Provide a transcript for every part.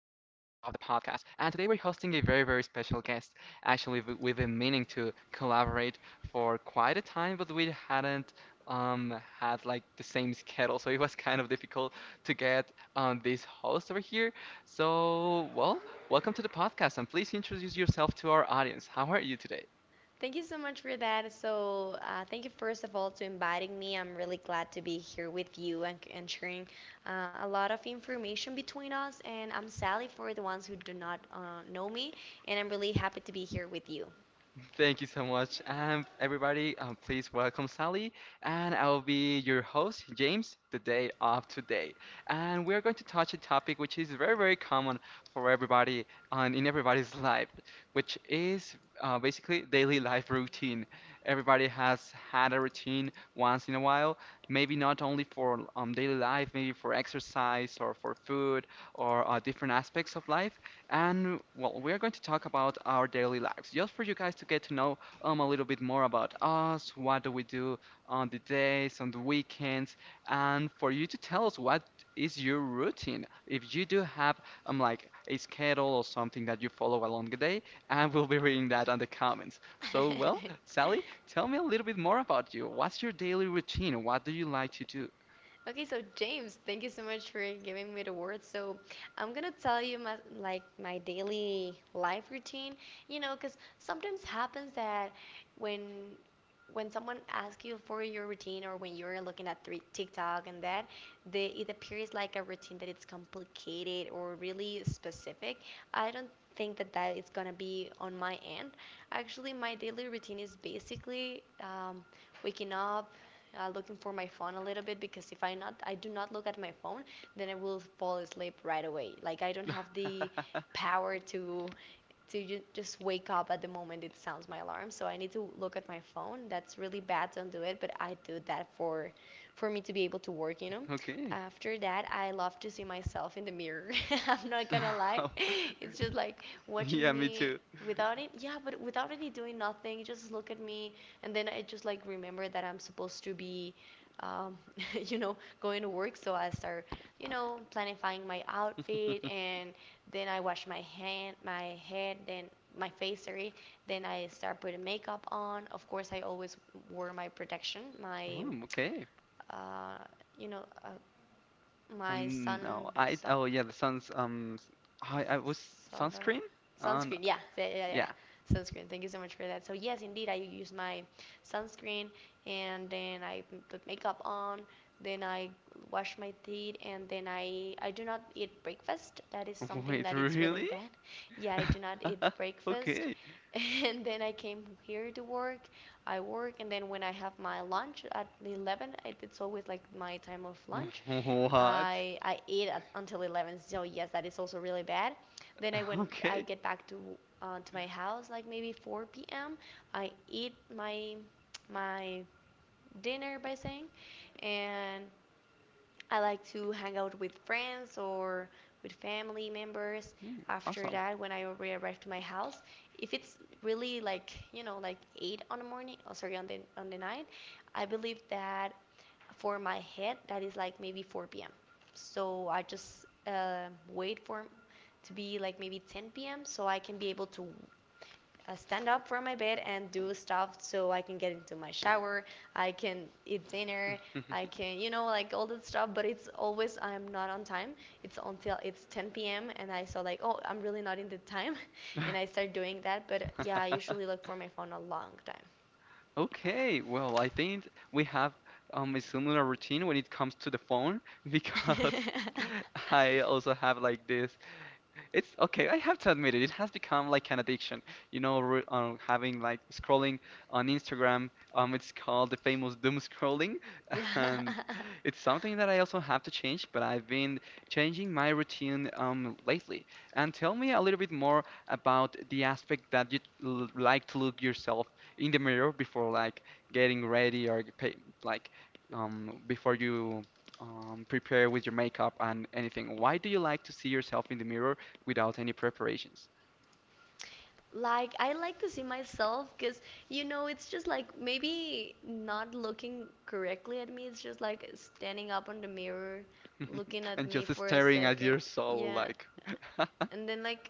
podcast, and today we're hosting a very, very special guest. Actually, we've been meaning to collaborate for quite a time, but we hadn't had like the same schedule, so it was kind of difficult to get this host over here. So, well, welcome to the podcast, and please introduce yourself to our audience. How are you today? Thank you so much for that. Thank you first of all to inviting me. I'm really glad to be here with you and sharing a lot of information between us. And I'm Sally for the ones who do not know me, and I'm really happy to be here with you. Thank you so much. Everybody, please welcome Sally, and I'll be your host, James, the day of today. And we're going to touch a topic which is very, very common for everybody and in everybody's life, which is basically daily life routine. Everybody has had a routine once in a while, maybe not only for daily life, maybe for exercise or for food or different aspects of life, and well, we are going to talk about our daily lives, just for you guys to get to know a little bit more about us, what do we do on the days, on the weekends, and for you to tell us what is your routine. If you do have like a schedule or something that you follow along the day, and we'll be reading that on the comments. So well, Sally, tell me a little bit more about you. What's your daily routine? What do you like to do? Okay, so James, thank you so much for giving me the word. So I'm gonna tell you my daily life routine, you know, because sometimes happens that when when someone asks you for your routine or when you're looking at three, TikTok and that, it appears like a routine that it's complicated or really specific. I don't think that that is gonna be on my end. Actually, my daily routine is basically waking up, looking for my phone a little bit because if I not I do not look at my phone, then I will fall asleep right away. Like I don't have the power to just wake up at the moment it sounds my alarm. So I need to look at my phone. That's really bad. Don't do it. But I do that for me to be able to work. You know. Okay. After that, I love to see myself in the mirror. I'm not gonna lie. It's just like watching Yeah, me me too. without it. Yeah, but without any doing nothing. Just look at me, and then I just like remember that I'm supposed to be. Um, you know, going to work, so I start, you know, planifying my outfit and then I wash my hand, my head, then my face, sorry. Then I start putting makeup on. Of course, I always wore my protection, my Oh, okay. uh, you know, my Um, no, I, sun oh yeah, the sun's I was solar sunscreen on sunscreen. Yeah, yeah, yeah, yeah, yeah. yeah. Sunscreen, thank you so much for that. So yes, indeed I use my sunscreen, and then I put makeup on, then I wash my teeth, and then I do not eat breakfast. That is something Wait, that it's really really? bad. Yeah, I do not eat breakfast. Okay. And then I came here to work. I work, and then when I have my lunch at 11, it's always like my time of lunch. What? I eat until 11, so yes, that is also really bad. Then I when I Okay. get back to my house, like maybe 4 p.m., I eat my dinner by saying, and I like to hang out with friends or with family members. Hmm, After awesome. that, when I already arrive to my house, if it's really like you know like eight on the morning, oh sorry on the night, I believe that for my head that is like maybe 4 p.m. So I just wait for to be like maybe 10 p.m. so I can be able to stand up from my bed and do stuff so I can get into my shower, I can eat dinner, I can, you know, like all that stuff. But it's always I'm not on time. It's until it's 10 p.m. and I saw like, oh, I'm really not in the time, and I start doing that. But yeah, I usually look for my phone a long Okay, well, I think we have a similar routine when it comes to the phone. Because time. I also have like this. It's okay. I have to admit it. It has become like an addiction. You know, re having like scrolling on Instagram. It's called the famous doom scrolling, Yeah. and it's something that I also have to change. But I've been changing my routine lately. And tell me a little bit more about the aspect that you l like to look yourself in the mirror before like getting ready or pay, like before you prepare with your makeup and anything. Why do you like to see yourself in the mirror without any preparations? Like, I like to see myself because, you know, it's just like maybe not looking correctly at me. It's just like standing up on the mirror, looking at And me just for a staring at second. your soul, Yeah, like, and then like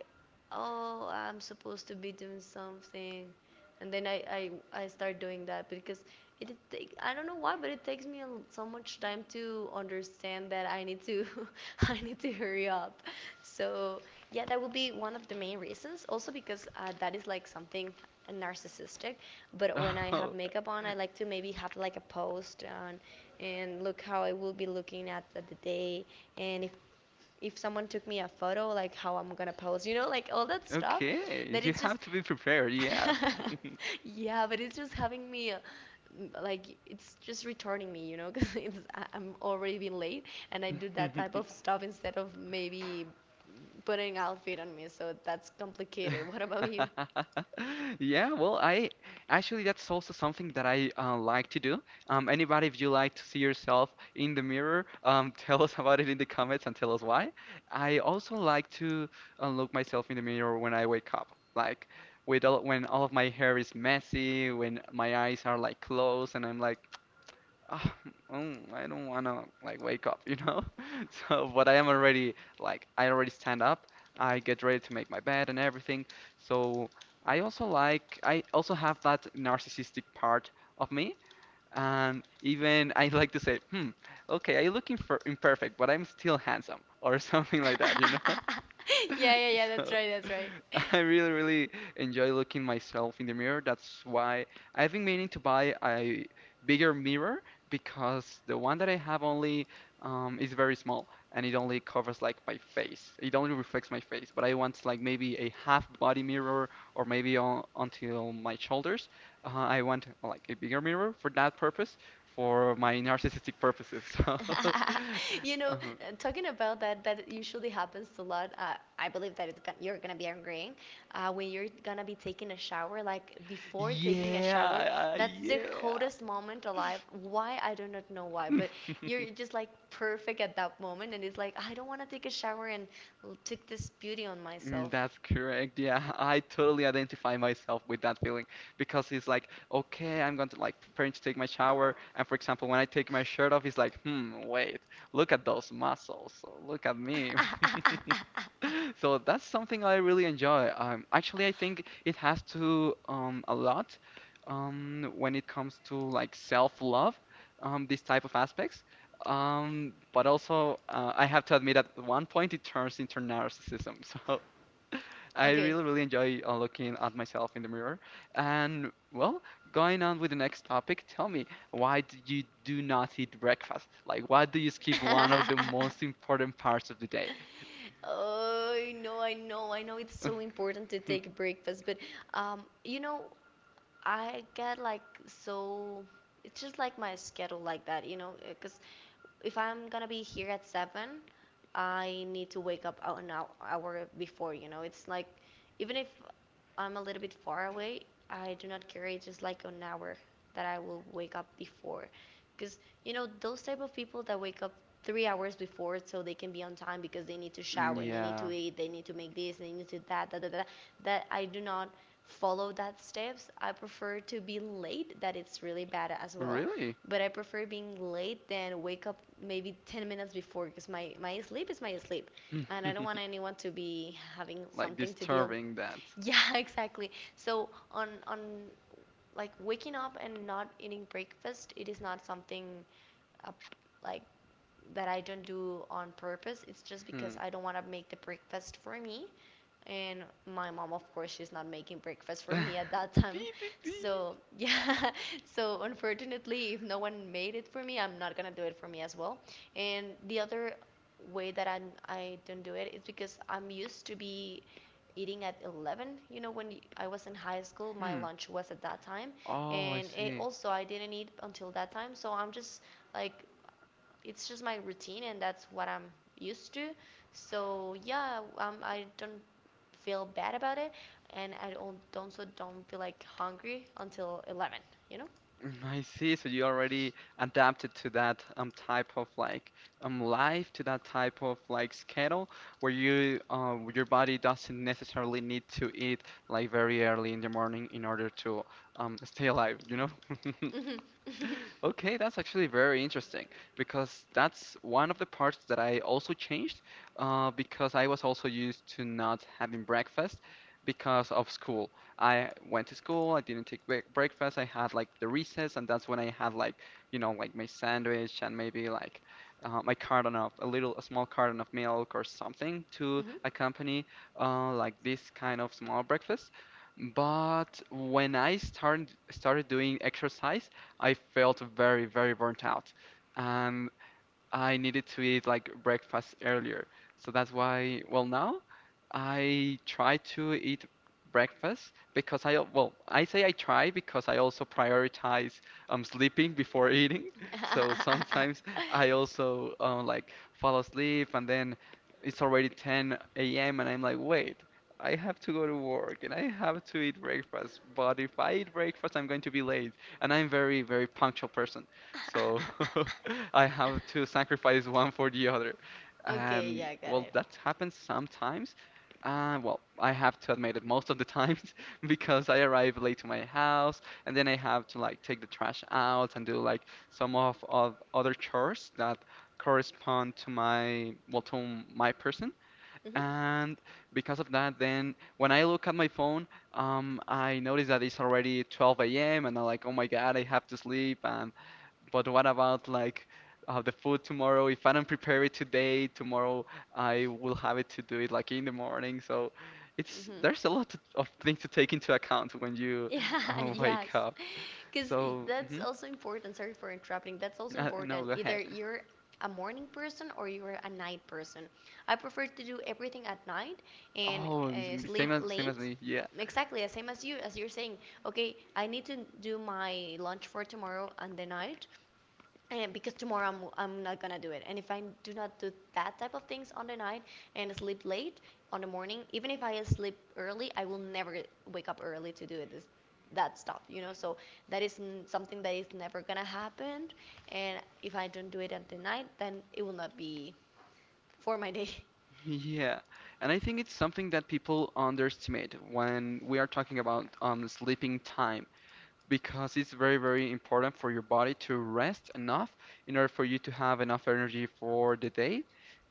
oh I'm supposed to be doing something, and then I start doing that because I don't know why but it takes me so much time to understand that I need to I need to hurry up. So yeah, that would be one of the main reasons. Also because that is like something narcissistic, but when I have oh, makeup on I like to maybe have like a post on and look how I will be looking at the day, and if someone took me a photo, like how I'm gonna pose, you know, like all that stuff. okay, That you it's just, have to be prepared, yeah. yeah, but it's just having me, like it's just returning me, you know, because I'm already being late, and I do that type of stuff instead of maybe putting outfit on me. So that's complicated. What about you? Yeah, well, I actually that's also something that I like to do. Anybody, if you like to see yourself in the mirror, tell us about it in the comments and tell us why. I also like to look myself in the mirror when I wake up, like with all, when all of my hair is messy, when my eyes are like closed, and I'm like, oh, mm, I don't wanna like wake up, you know? So, but I am already like I already stand up. I get ready to make my bed and everything. So I also have that narcissistic part of me. And even I like to say, hmm, okay, I look imperfect, but I'm still handsome or something like that, you know? Yeah, yeah, yeah. That's So right. That's right. I really, really enjoy looking myself in the mirror. That's why I've been meaning to buy a bigger mirror because the one that I have only is very small and it only covers like my face. It only reflects my face, but I want like maybe a half body mirror or maybe on, until my shoulders. I want like a bigger mirror for that purpose, for my narcissistic purposes. So, You know, uh, talking about that, that usually happens a lot. I believe that you're gonna be agreeing. When you're gonna be taking a shower, like before taking a shower, yeah, that's the yeah. hottest moment alive. Why? I do not know why, but you're just like perfect at that moment, and it's like, I don't wanna take a shower and take this beauty on Mm, myself. that's correct. Yeah, I totally identify myself with that feeling because it's like, okay, I'm going to like preparing to take my shower. And for example, when I take my shirt off, he's like, hmm, wait, look at those muscles. Look at me. So that's something I really enjoy. Actually, I think it has to a lot when it comes to like self-love, these type of aspects. But also, I have to admit at one point it turns into narcissism. So I Okay. really, really enjoy looking at myself in the mirror. And well, going on with the next topic, tell me, why do you do not eat breakfast? Like, why do you skip one of the most important parts of the day? Oh, I know, I know, I know it's so important to take breakfast, but you know, I get like so. It's just like my schedule like that, you know, because if I'm gonna be here at seven, I need to wake up an hour before, you know. It's like, even if I'm a little bit far away, I do not care. It's just like an hour that I will wake up before. Because, you know, those type of people that wake up 3 hours before so they can be on time because they need to shower and they need to Yeah, eat, they need to make this, they need to that, that, that, that, that I do not follow that steps. I prefer to be late, that it's really bad as well, really? but I prefer being late than wake up maybe 10 minutes before because my sleep is my sleep and I don't want anyone to be having Like something to deal with. disturbing that. Yeah, exactly. So on like waking up and not eating breakfast, it is not something uh, like that I don't do on purpose. It's just because Hmm. I don't want to make the breakfast for me. And my mom, of course, she's not making breakfast for me at that Beep, time. beep, beep. So, yeah. So, unfortunately, if no one made it for me, I'm not going to do it for me as well. And the other way that I don't do it is because I'm used to be eating at 11. You know, when I was in high school my Hmm. lunch was at that time, Oh, I and it see. also I didn't eat until that time, so I'm just like it's just my routine and that's what I'm used to. So yeah, I don't feel bad about it, and I don't so don't feel like hungry until 11. You know. Mm, I see. So you already adapted to that type of like life, to that type of like schedule, where you where your body doesn't necessarily need to eat like very early in the morning in order to stay alive, you know? Mhm. Okay, that's actually very interesting because that's one of the parts that I also changed because I was also used to not having breakfast because of school. I went to school, I didn't take breakfast, I had like the recess, and that's when I had like, you know, like my sandwich and maybe like my carton of a little, a small carton of milk or something to Mhm. accompany like this kind of small breakfast. But when I started doing exercise, I felt very, very burnt out. Um, I needed to eat like breakfast earlier. So that's why, well, now I try to eat breakfast because I, well, I say I try because I also prioritize sleeping before eating. So sometimes I also like fall asleep and then it's already 10 a.m. and I'm like, wait, I have to go to work and I have to eat breakfast. But if I eat breakfast, I'm going to be late. And I'm very, very punctual, so I have to sacrifice one for the other. Okay. Yeah, And I got well, it. that happens sometimes. Well, I have to admit it most of the times because I arrive late to my house and then I have to like take the trash out and do like some of other chores that correspond to my, well, to my person. Mhm. And because of that, then when I look at my phone, I notice that it's already 12 a.m. and I'm like, oh my God, I have to sleep and but what about like the food tomorrow? If I don't prepare it today, tomorrow I will have it to do it like in the morning. So it's Mhm. there's a lot of things to take into account when you Yeah, yes. wake up. Because So that's mhm, also important. Sorry for interrupting. That's also no, important. go Either ahead. you're a morning person or you're a night person. I prefer to do everything at night and Oh, sleep same as late. me. Yeah, Exactly, the same as you, as you're saying. Okay, I need to do my lunch for tomorrow and the night, and because tomorrow I'm not gonna do it, and if I do not do that type of things on the night and sleep late on the morning, even if I sleep early, I will never wake up early to do it this that stuff, you know. So that is something that is never gonna happen, and if I don't do it at the night then it will not be for my day. yeah. And I think it's something that people underestimate when we are talking about sleeping time because it's very, very important for your body to rest enough in order for you to have enough energy for the day.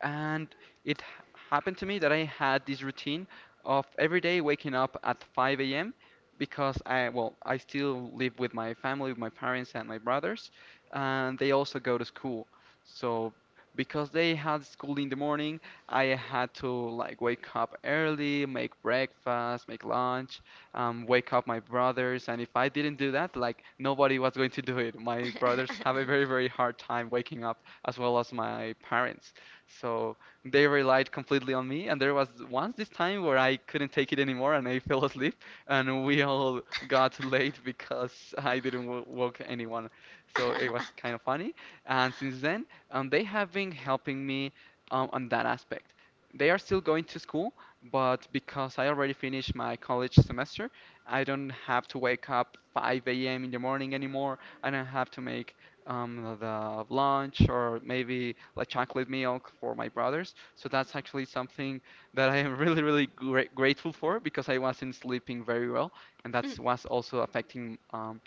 And it happened to me that I had this routine of every day waking up at 5 a.m. because I, well, I still live with my family, with my parents and my brothers, and they also go to school. So because they had school in the morning, I had to like wake up early, make breakfast, make lunch, wake up my brothers. And if I didn't do that, like nobody was going to do it. My brothers have a very, very hard time waking up, as well as my parents. So they relied completely on me. And there was once this time where I couldn't take it anymore and I fell asleep, and we all got late because I didn't w woke anyone. So it was kind of funny. And since then, they have been helping me on that aspect. They are still going to school, but because I already finished my college semester, I don't have to wake up 5 a.m. in the morning anymore. I don't have to make the lunch or maybe like chocolate milk for my brothers. So that's actually something that I am really, really grateful for because I wasn't sleeping very well, and that was also affecting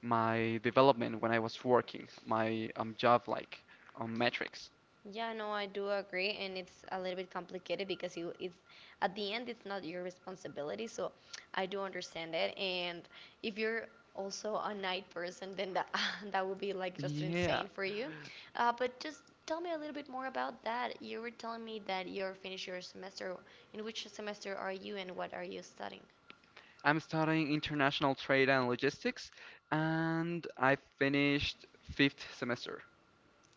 my development when I was working, my job like metrics. Yeah, no, I do agree, and it's a little bit complicated because you it's at the end it's not your responsibility, so I do understand it. And if you're also a night person, then that that would be like just Yeah. insane for you. But just tell me a little bit more about that. You were telling me that you're finished your semester. In which semester are you, and what are you studying? I'm studying international trade and logistics, and I finished fifth semester.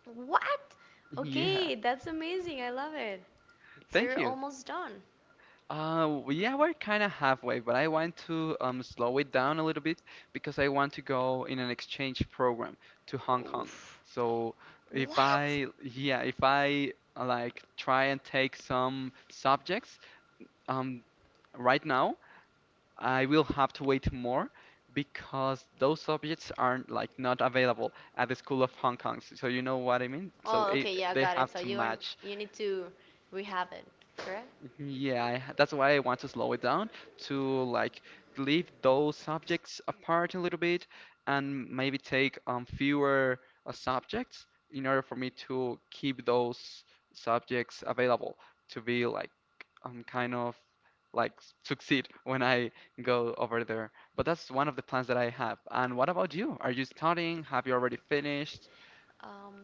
What? Yeah, Okay, that's amazing. I love it. So thank you're you. almost done. Yeah, we're kind of halfway, but I want to slow it down a little bit because I want to go in an exchange program to Hong Kong. Oof. So if What? I, yeah, if I like try and take some subjects um, right now, I will have to wait more because those subjects aren't like not available at the School of Hong Kong. So you know what I mean? So Oh, okay, yeah, they got it. have So to you are, match. you need to rehab it, correct? Yeah, that's why I want to slow it down to like leave those subjects apart a little bit and maybe take fewer subjects in order for me to keep those subjects available to be like kind of like succeed when I go over there. But that's one of the plans that I have. And what about you? Are you studying? Have you already finished? Um,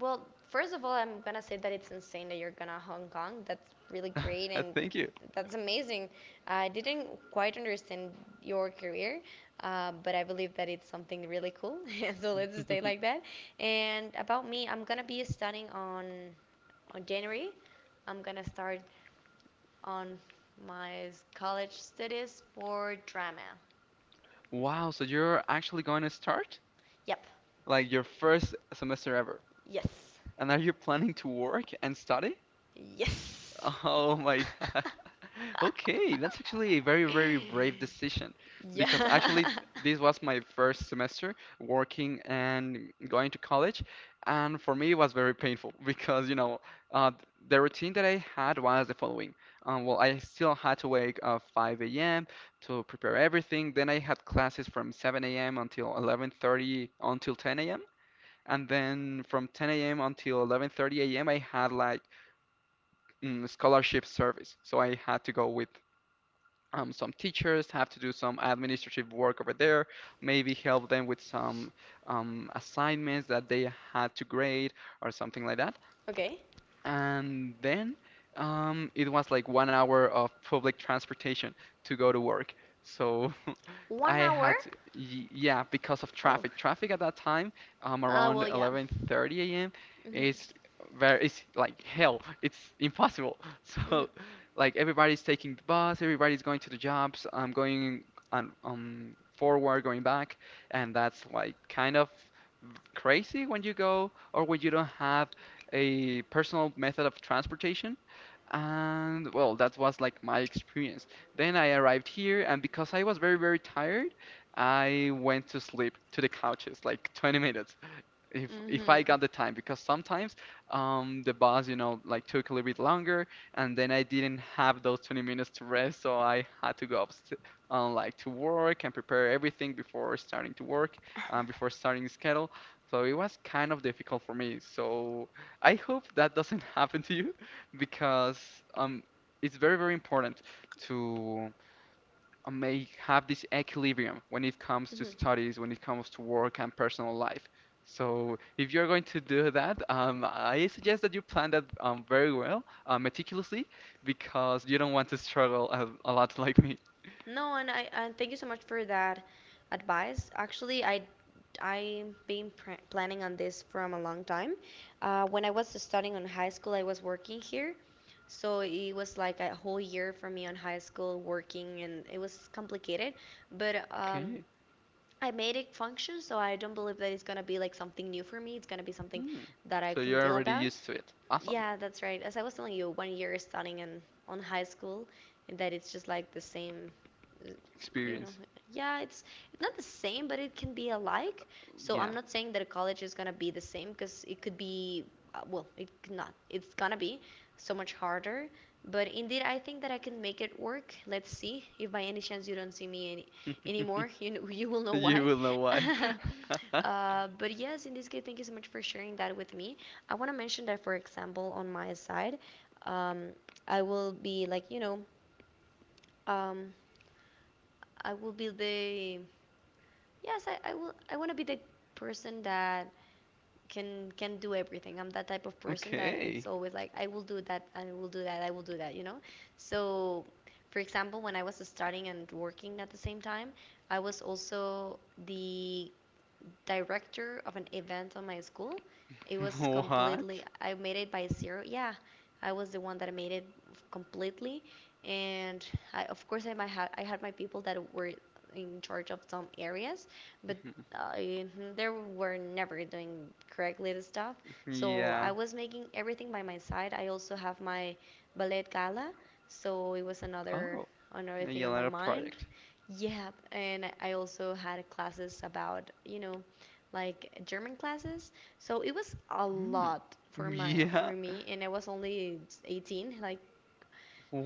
well, first of all, I'm gonna say that it's insane that you're gonna Hong Kong. That's really great and Thank you. that's amazing. I didn't quite understand your career, but I believe that it's something really cool. So let's stay like that. And about me, I'm gonna be studying on January. I'm gonna start on my college studies for drama. Wow, so you're actually going to start? Yep. Like your first semester ever. Yes. And are you planning to work and study? Yes. Oh my God. Okay, that's actually a very, very brave decision because Yeah. actually this was my first semester working and going to college, and for me it was very painful because uh, the routine that I had was the following. Well, I still had to wake up 5 a.m. to prepare everything. Then I had classes from 7 a.m. until 11:30, until 10 a.m, and then from 10 a.m. until 11:30 a.m. I had like scholarship service, so I had to go with some teachers, have to do some administrative work over there, maybe help them with some assignments that they had to grade or something like that. Okay. And then it was like 1 hour of public transportation to go to work. So One I had hour. to, yeah, because of Oh. traffic. Traffic at that time, Ah, around well, yeah. 11:30 a.m. Mhm. is very it's like hell. It's impossible. So Mhm. like everybody's taking the bus, everybody's going to the jobs. I'm going on forward, going back, and that's like kind of crazy when you go or when you don't have a personal method of transportation. And well, that was like my experience. Then I arrived here, and because I was very, very tired, I went to sleep to the couches like 20 minutes if I Mhm. got the time. Because sometimes the bus, like, took a little bit longer, and then I didn't have those 20 minutes to rest, so I had to go up st like to work and prepare everything before starting to work, before starting the schedule. So it was kind of difficult for me, so I hope that doesn't happen to you because um it's very, very important to may have this equilibrium when it comes to Mhm. studies, when it comes to work and personal life. So if you're going to do that, I suggest that you plan that very well, meticulously, because you don't want to struggle a lot like me. No, and I and thank you so much for that advice. Actually, I've been pr planning on this from a long time. When I was studying on high school, I was working here, so it was like a whole year for me on high school working, and it was complicated. But Okay. I made it function, so I don't believe that it's gonna be like something new for me. It's gonna be something Hmm. that I So can you're deal already about. used to it. Awesome. Yeah, that's right. As I was telling you, 1 year studying in on high school, and that it's just like the same, uh, you know. Experience. Yeah, it's not the same, but it can be alike. So Yeah. I'm not saying that a college is gonna be the same, because it could be, well, it could not. It's gonna be so much harder. But indeed, I think that I can make it work. Let's see. If by any chance you don't see me anymore, you will know You why. will know why. But yes, in this case, thank you so much for sharing that with me. I want to mention that, for example, on my side, um, I will be like, um, I will be yes, I want to be the person that can do everything. I'm that type of person that Okay. it's always like, I will do that, I will do that, I will do that, you know? So, for example, when I was studying and working at the same time, I was also the director of an event on my school. It was What? completely, I made it by zero. Yeah, I was the one that made it completely. And of course, I had my people that were in charge of some areas, but I, they were never doing correctly the stuff. So Yeah. I was making everything by my side. I also have my ballet gala, so it was another Oh. another A thing on my Yelena mind. project. Yeah, and I also had classes about, you know, like German classes. So it was a Mm. lot for my Yeah. for me, and I was only 18, like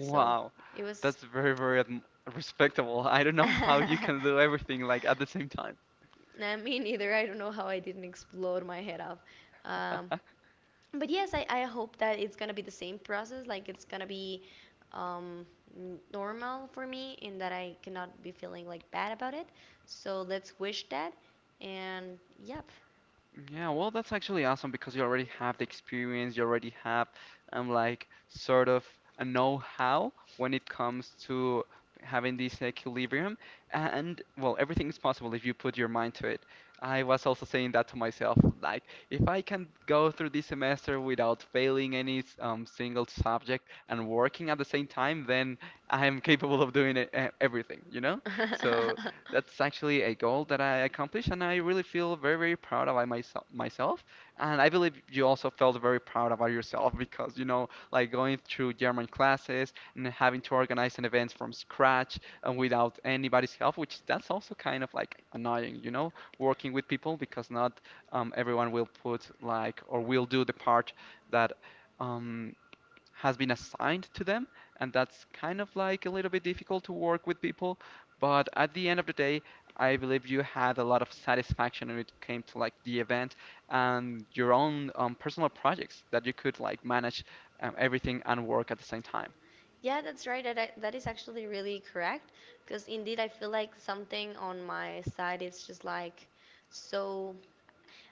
so it was. That's respectable. I don't know how you can do everything like at the same time. Nah, me neither. I don't know how I didn't explode my head off. Um, but yes, I hope that it's gonna be the same process. Like it's gonna be um, n- normal for me, and that I cannot be feeling like bad about it. So let's wish that. And yep. Yeah, well, that's actually awesome because you already have the experience, you already have like sort of a know-how when it comes to having this equilibrium. And well, everything is possible if you put your mind to it. I was also saying that to myself, like, if I can go through this semester without failing any single subject and working at the same time, then I am capable of doing it, everything, you know? So that's actually a goal that I accomplished, and I really feel very, very proud about myself, and I believe you also felt very proud about yourself because you know, like going through German classes and having to organize an event from scratch and without anybody's help, which that's also kind of like annoying, you know, working with people because not everyone will put like or will do the part that. Um, has been assigned to them, and that's kind of like a little bit difficult to work with people. But at the end of the day, I believe you had a lot of satisfaction when it came to like the event and your own personal projects that you could like manage everything and work at the same time. Yeah, that's right. That is actually really correct. Because indeed, I feel like something on my side is just like so.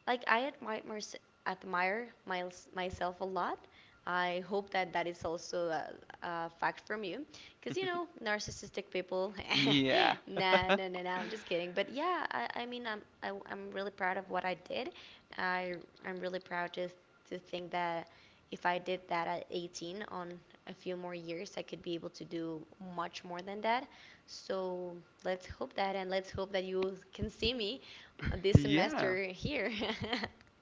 Like admire my myself a lot. I hope that that is also a fact from you, because you know narcissistic people. Yeah. Nah. I'm just kidding. But yeah, I mean, I'm really proud of what I did. I I'm really proud to think that if I did that at 18 on a few more years, I could be able to do much more than that. So let's hope that, and let's hope that you can see me this Yeah. semester here.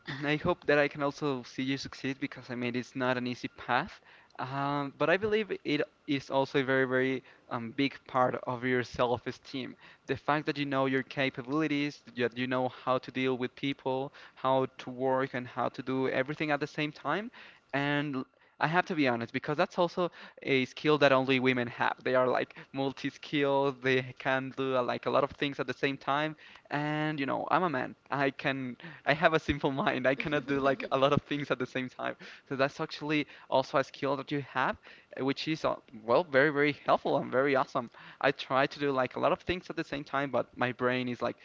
Mm, I hope that I can also see you succeed because I mean it's not an easy path, but I believe it is also a very, very big part of your self-esteem. The fact that you know your capabilities, that you know how to deal with people, how to work, and how to do everything at the same time. And I have to be honest because that's also a skill that only women have. They are like multi-skilled. They can do like a lot of things at the same time. And you know, I'm a man. I can. I have a simple mind. I cannot do like a lot of things at the same time. So that's actually also a skill that you have, which is well, very, very helpful and very awesome. I try to do like a lot of things at the same time, but my brain is like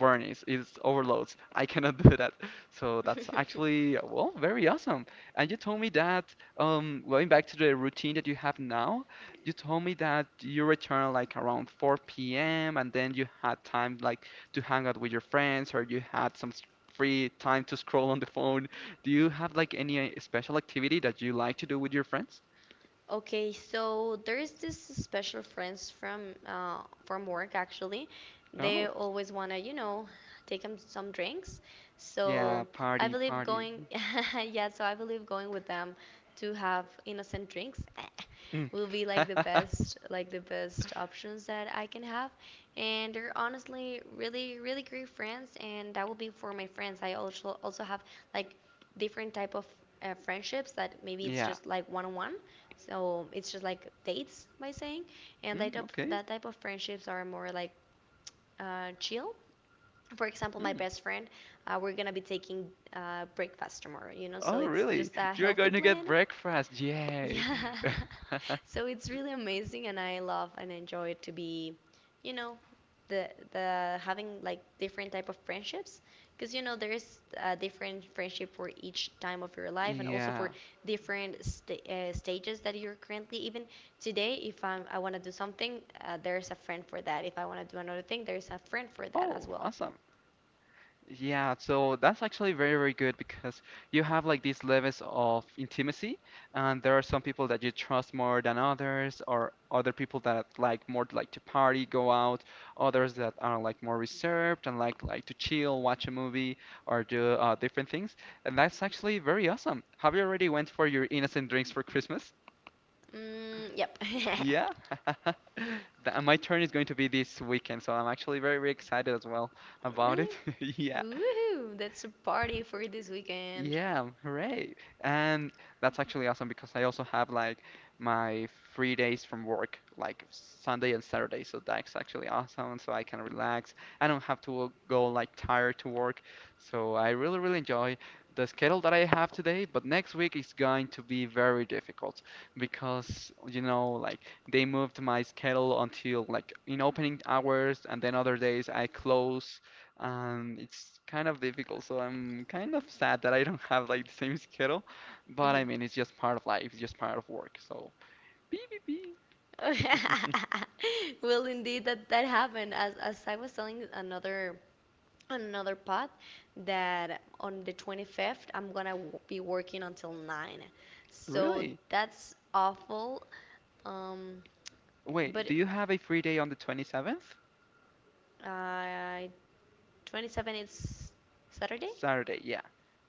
burning, it's overloads. I cannot do that. So that's actually well, very awesome. And you told me that going back to the routine that you have now, you told me that you return like around 4 p.m. and then you had time like to hang out with your friends or you had some free time to scroll on the phone. Do you have like any special activity that you like to do with your friends? Okay, so there's this special friends from work actually. They Oh, always wanna, you know, take them some drinks. yeah, So I party, believe party. going, yeah. So I believe going with them to have innocent drinks Mm. will be like the best options that I can have. And they're honestly really, really great friends, and that will be for my friends. I also have like different type of friendships that maybe it's Yeah. just like one on one so it's just like dates by saying, and Mm, okay. that type of friendships are more like chill. For example, my Mm. best friend, we're gonna be taking breakfast tomorrow, you know, so Oh, it's really? just a You're healthy going to get plan. breakfast. Yay. Yeah. So it's really amazing and I love and enjoy to be, you know, the having like different type of friendships because you know there's a different friendship for each time of your life and also for Yeah. different stages that you're currently even today if I want to do something there's a friend for that if I want to do another thing there's a friend for that as Oh, well awesome. Yeah, so that's actually very, very good because you have like these levels of intimacy, and there are some people that you trust more than others, or other people that like more to, like to party, go out, others that are like more reserved and like to chill, watch a movie, or do different things. And that's actually very awesome. Have you already went for your innocent drinks for Christmas? mm, yep. Yeah. My turn is going to be this weekend, so I'm actually very, very excited as well about Really it. Yeah. woohoo, that's a party for this weekend. Yeah, hooray. And that's actually awesome because I also have like my free days from work, like Sunday and Saturday. So that's actually awesome. So I can relax. I don't have to go like tired to work. So I really, really enjoy the schedule that I have today. But next week is going to be very difficult because, you know, like they moved my schedule until like in opening hours and then other days I close. It's kind of difficult, so I'm kind of sad that I don't have like the same schedule. But I mean, it's just part of life. It's just part of work. So, beep beep beep. Well, indeed, that that happened. As I was telling another another pod, that on the 25th I'm gonna be working until nine, so Really? that's awful. Um, Wait, do but you have a free day on the 27th? uh, 27th it's Saturday. Saturday, yeah.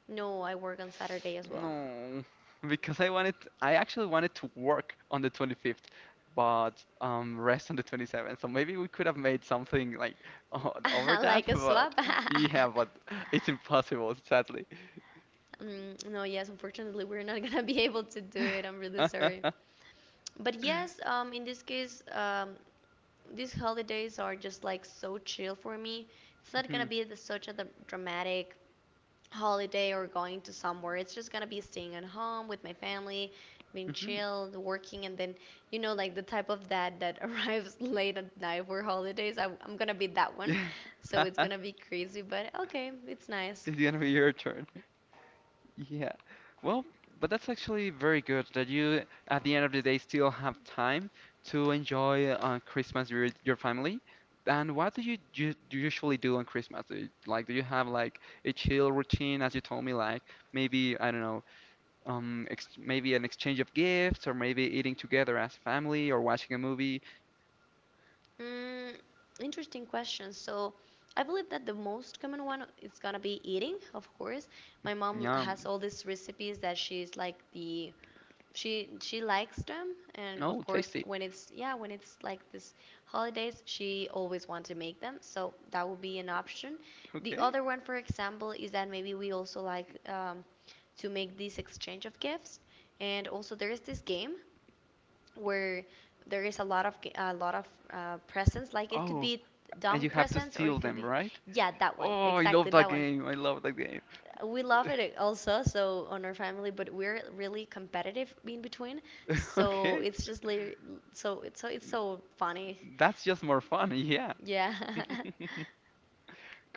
No, I work on Saturday as well, No, because I actually wanted to work on the 25th, but rest on the 27th. So maybe we could have made something like over that, like a but swap. yeah, but it's impossible, sadly. Mm, no, yes, unfortunately, we're not gonna be able to do it. I'm really sorry. But yes, in this case, these holidays are just like so chill for me. It's not Hmm. gonna be such a dramatic holiday or going to somewhere. It's just gonna be staying at home with my family, being Hmm. chilled, working, and then you know like the type of dad that arrives late at night for holidays. I'm gonna be that one, Yeah. so it's gonna be crazy, but okay, it's nice. It's gonna be your turn. Yeah. Well, but that's actually very good that you, at the end of the day, still have time to enjoy Christmas with your family. And what do you, do usually do on Christmas? Do you, like, do you have like a chill routine, as you told me, like maybe, I don't know, ex maybe an exchange of gifts, or maybe eating together as a family, or watching a movie? Mm, interesting question. So. I believe that the most common one is gonna be eating, of course. My mom has Yum. all these recipes that she likes them and Oh, of course tasty. when it's yeah when it's like this holidays she always wants to make them so that will be an option the Okay. other one, for example, is that maybe we also like to make this exchange of gifts. And also, there is this game where there is a lot of presents. Like it could Oh, be and dumb you have to presents, or steal it can them, be right? yeah, Oh, I love that that one. game. I love that game. We love it also, so on our family, but we're really competitive in between. So Okay, it's just so it's so funny. that's just more fun. Yeah. Yeah.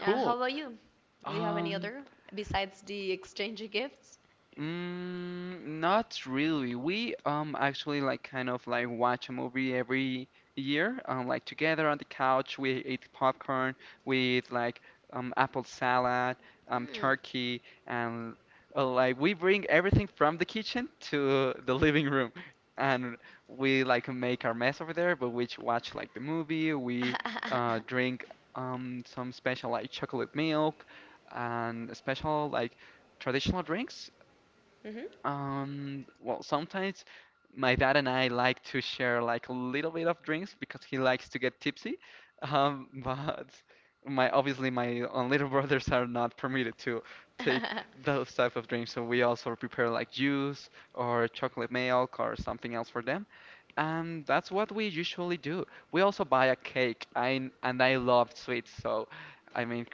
How about you? Do you have any Um, other besides the exchange of gifts? mm, not really. We actually like kind of like watch a movie every year. Like together on the couch, we eat popcorn with like apple salad, Mm. turkey, and like we bring everything from the kitchen to the living room, and we like make our mess over there. But we watch like the movie. We drink some special like chocolate milk and special like traditional drinks. Well, sometimes my dad and I like to share like a little bit of drinks because he likes to get tipsy. But my obviously my little brothers are not permitted to take Hmm. those type of drinks, so we also prepare like juice or chocolate milk or something else for them. And that's what we usually do. We also buy a cake. I love sweets, so I mean,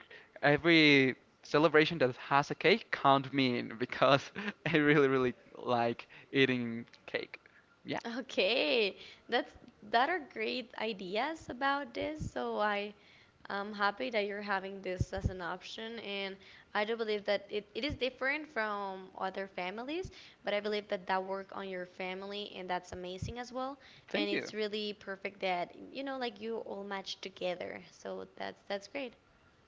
every celebration that has a cake, count me in because I really, really like eating cake. Yeah, Okay, that's that are great ideas about this. So I am happy that you're having this as an option, and I do believe that it is different from other families, but I believe that that work on your family and that's amazing as well. And thank it's you. really perfect that you know like you all match together. So that's great.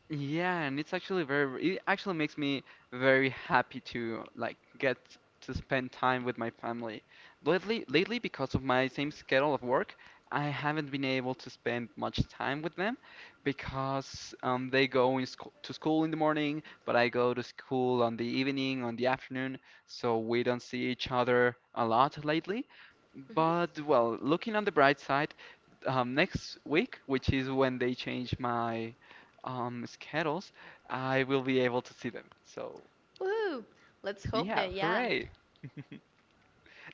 Yeah, and it's actually very, it actually makes me very happy to like get to spend time with my family. Lately, because of my same schedule of work, I haven't been able to spend much time with them because they go in school to school in the morning, but I go to school on the evening, on the afternoon, so we don't see each other a lot lately. Hmm. But well, looking on the bright side, next week, which is when they change my schedules, I will be able to see them. So Woohoo! Let's hope yeah, that, yeah. hooray!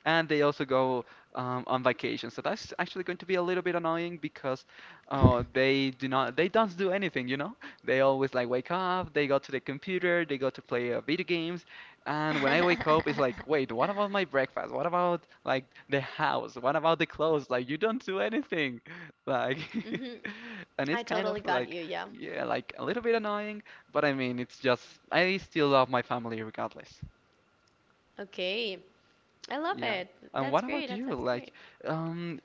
And they also go on vacation. So that's actually going to be a little bit annoying because they don't do anything, you know? They always like wake up, they go to the computer, they go to play video games, and when I wake up, it's like, wait, what about my breakfast? What about like the house? What about the clothes? Like you don't do anything, like. Hmm. And it's I kind totally of got like, you. Yeah. yeah, like a little bit annoying, but I mean, it's just, I still love my family regardless. Okay. I love Yeah. it. And That's what great. about you? That's Like, great. um,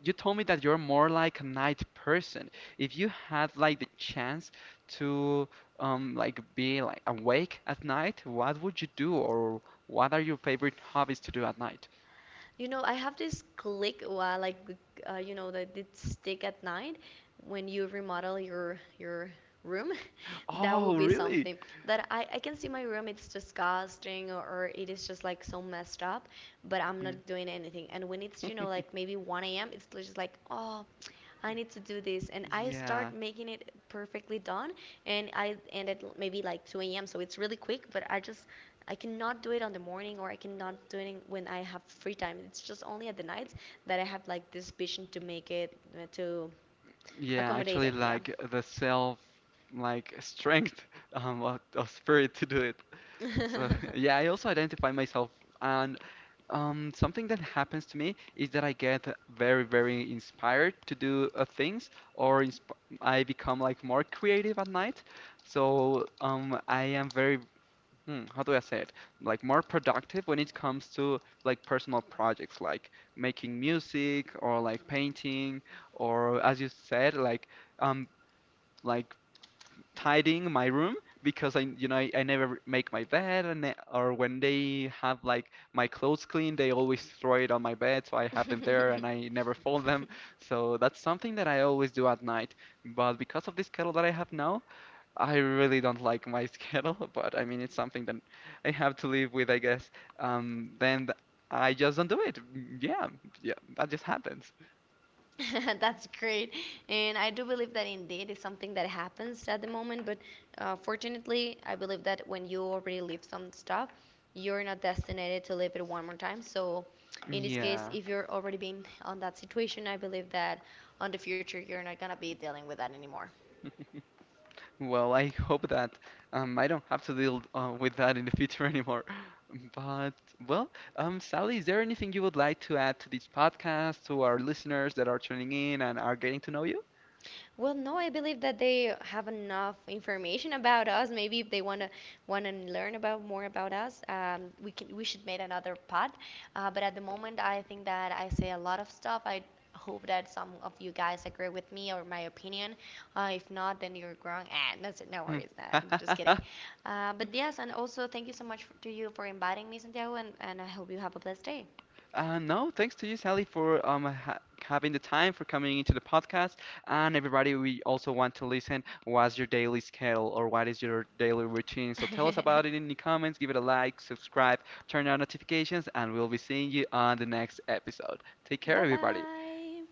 you told me that you're more like a night person. If you had like the chance to like be like awake at night, what would you do or what are your favorite hobbies to do at night? You know, I have this click, like, you know, that did stick at night when you remodel your room. That would Oh, be really? something that I can see my room. It's disgusting or it is just like so messed up, but I'm Mm. not doing anything. And when it's you know like maybe 1 a.m., it's just like oh. I need to do this, and I start Yeah. making it perfectly done, and I end at maybe like 2 a.m. So it's really quick, but I just I cannot do it on the morning or I cannot do it when I have free time. It's just only at the nights that I have like this vision to make it to Yeah, accommodate actually it. Yeah. like the self like strength of spirit to do it. So yeah, I also identify myself and. Something that happens to me is that I get very, very inspired to do things, or insp I become like more creative at night. So I am very, hmm, how do I say it? Like more productive when it comes to like personal projects, like making music or like painting, or as you said, um, like tidying my room because I, you know, I never make my bed, and or when they have like my clothes clean, they always throw it on my bed, so I have them there and I never fold them. So that's something that I always do at night. But because of this schedule that I have now, I really don't like my schedule. But I mean, it's something that I have to live with, I guess. Then I just don't do it. Mm. Yeah, yeah, that just happens. That's great. And I do believe that indeed it's something that happens at the moment. But fortunately, I believe that when you already live some stuff, you're not destined to live it one more time. So in this case, Yeah. if you're already been on that situation, I believe that on the future, you're not going to be dealing with that anymore. Well, I hope that I don't have to deal with that in the future anymore. But, well, Sally, is there anything you would like to add to this podcast, to our listeners that are tuning in and are getting to know you? Well, no, I believe that they have enough information about us. Maybe if they wanna learn about more about us, we can we should make another pod. But at the moment, I think that I say a lot of stuff. I hope that some of you guys agree with me or my opinion. If not, then you're wrong. Ah, that's it. No Hmm. worries. Nah, I'm just kidding. But yes, and also thank you so much f to you for inviting me, Santiago, and I hope you have a blessed day. No, thanks to you, Sally, for ha having the time for coming into the podcast. And everybody, we also want to listen. What's your daily schedule or what is your daily routine? So tell us about it in the comments. Give it a like, subscribe, turn on notifications, and we'll be seeing you on the next episode. Take care, Bye everybody. bye.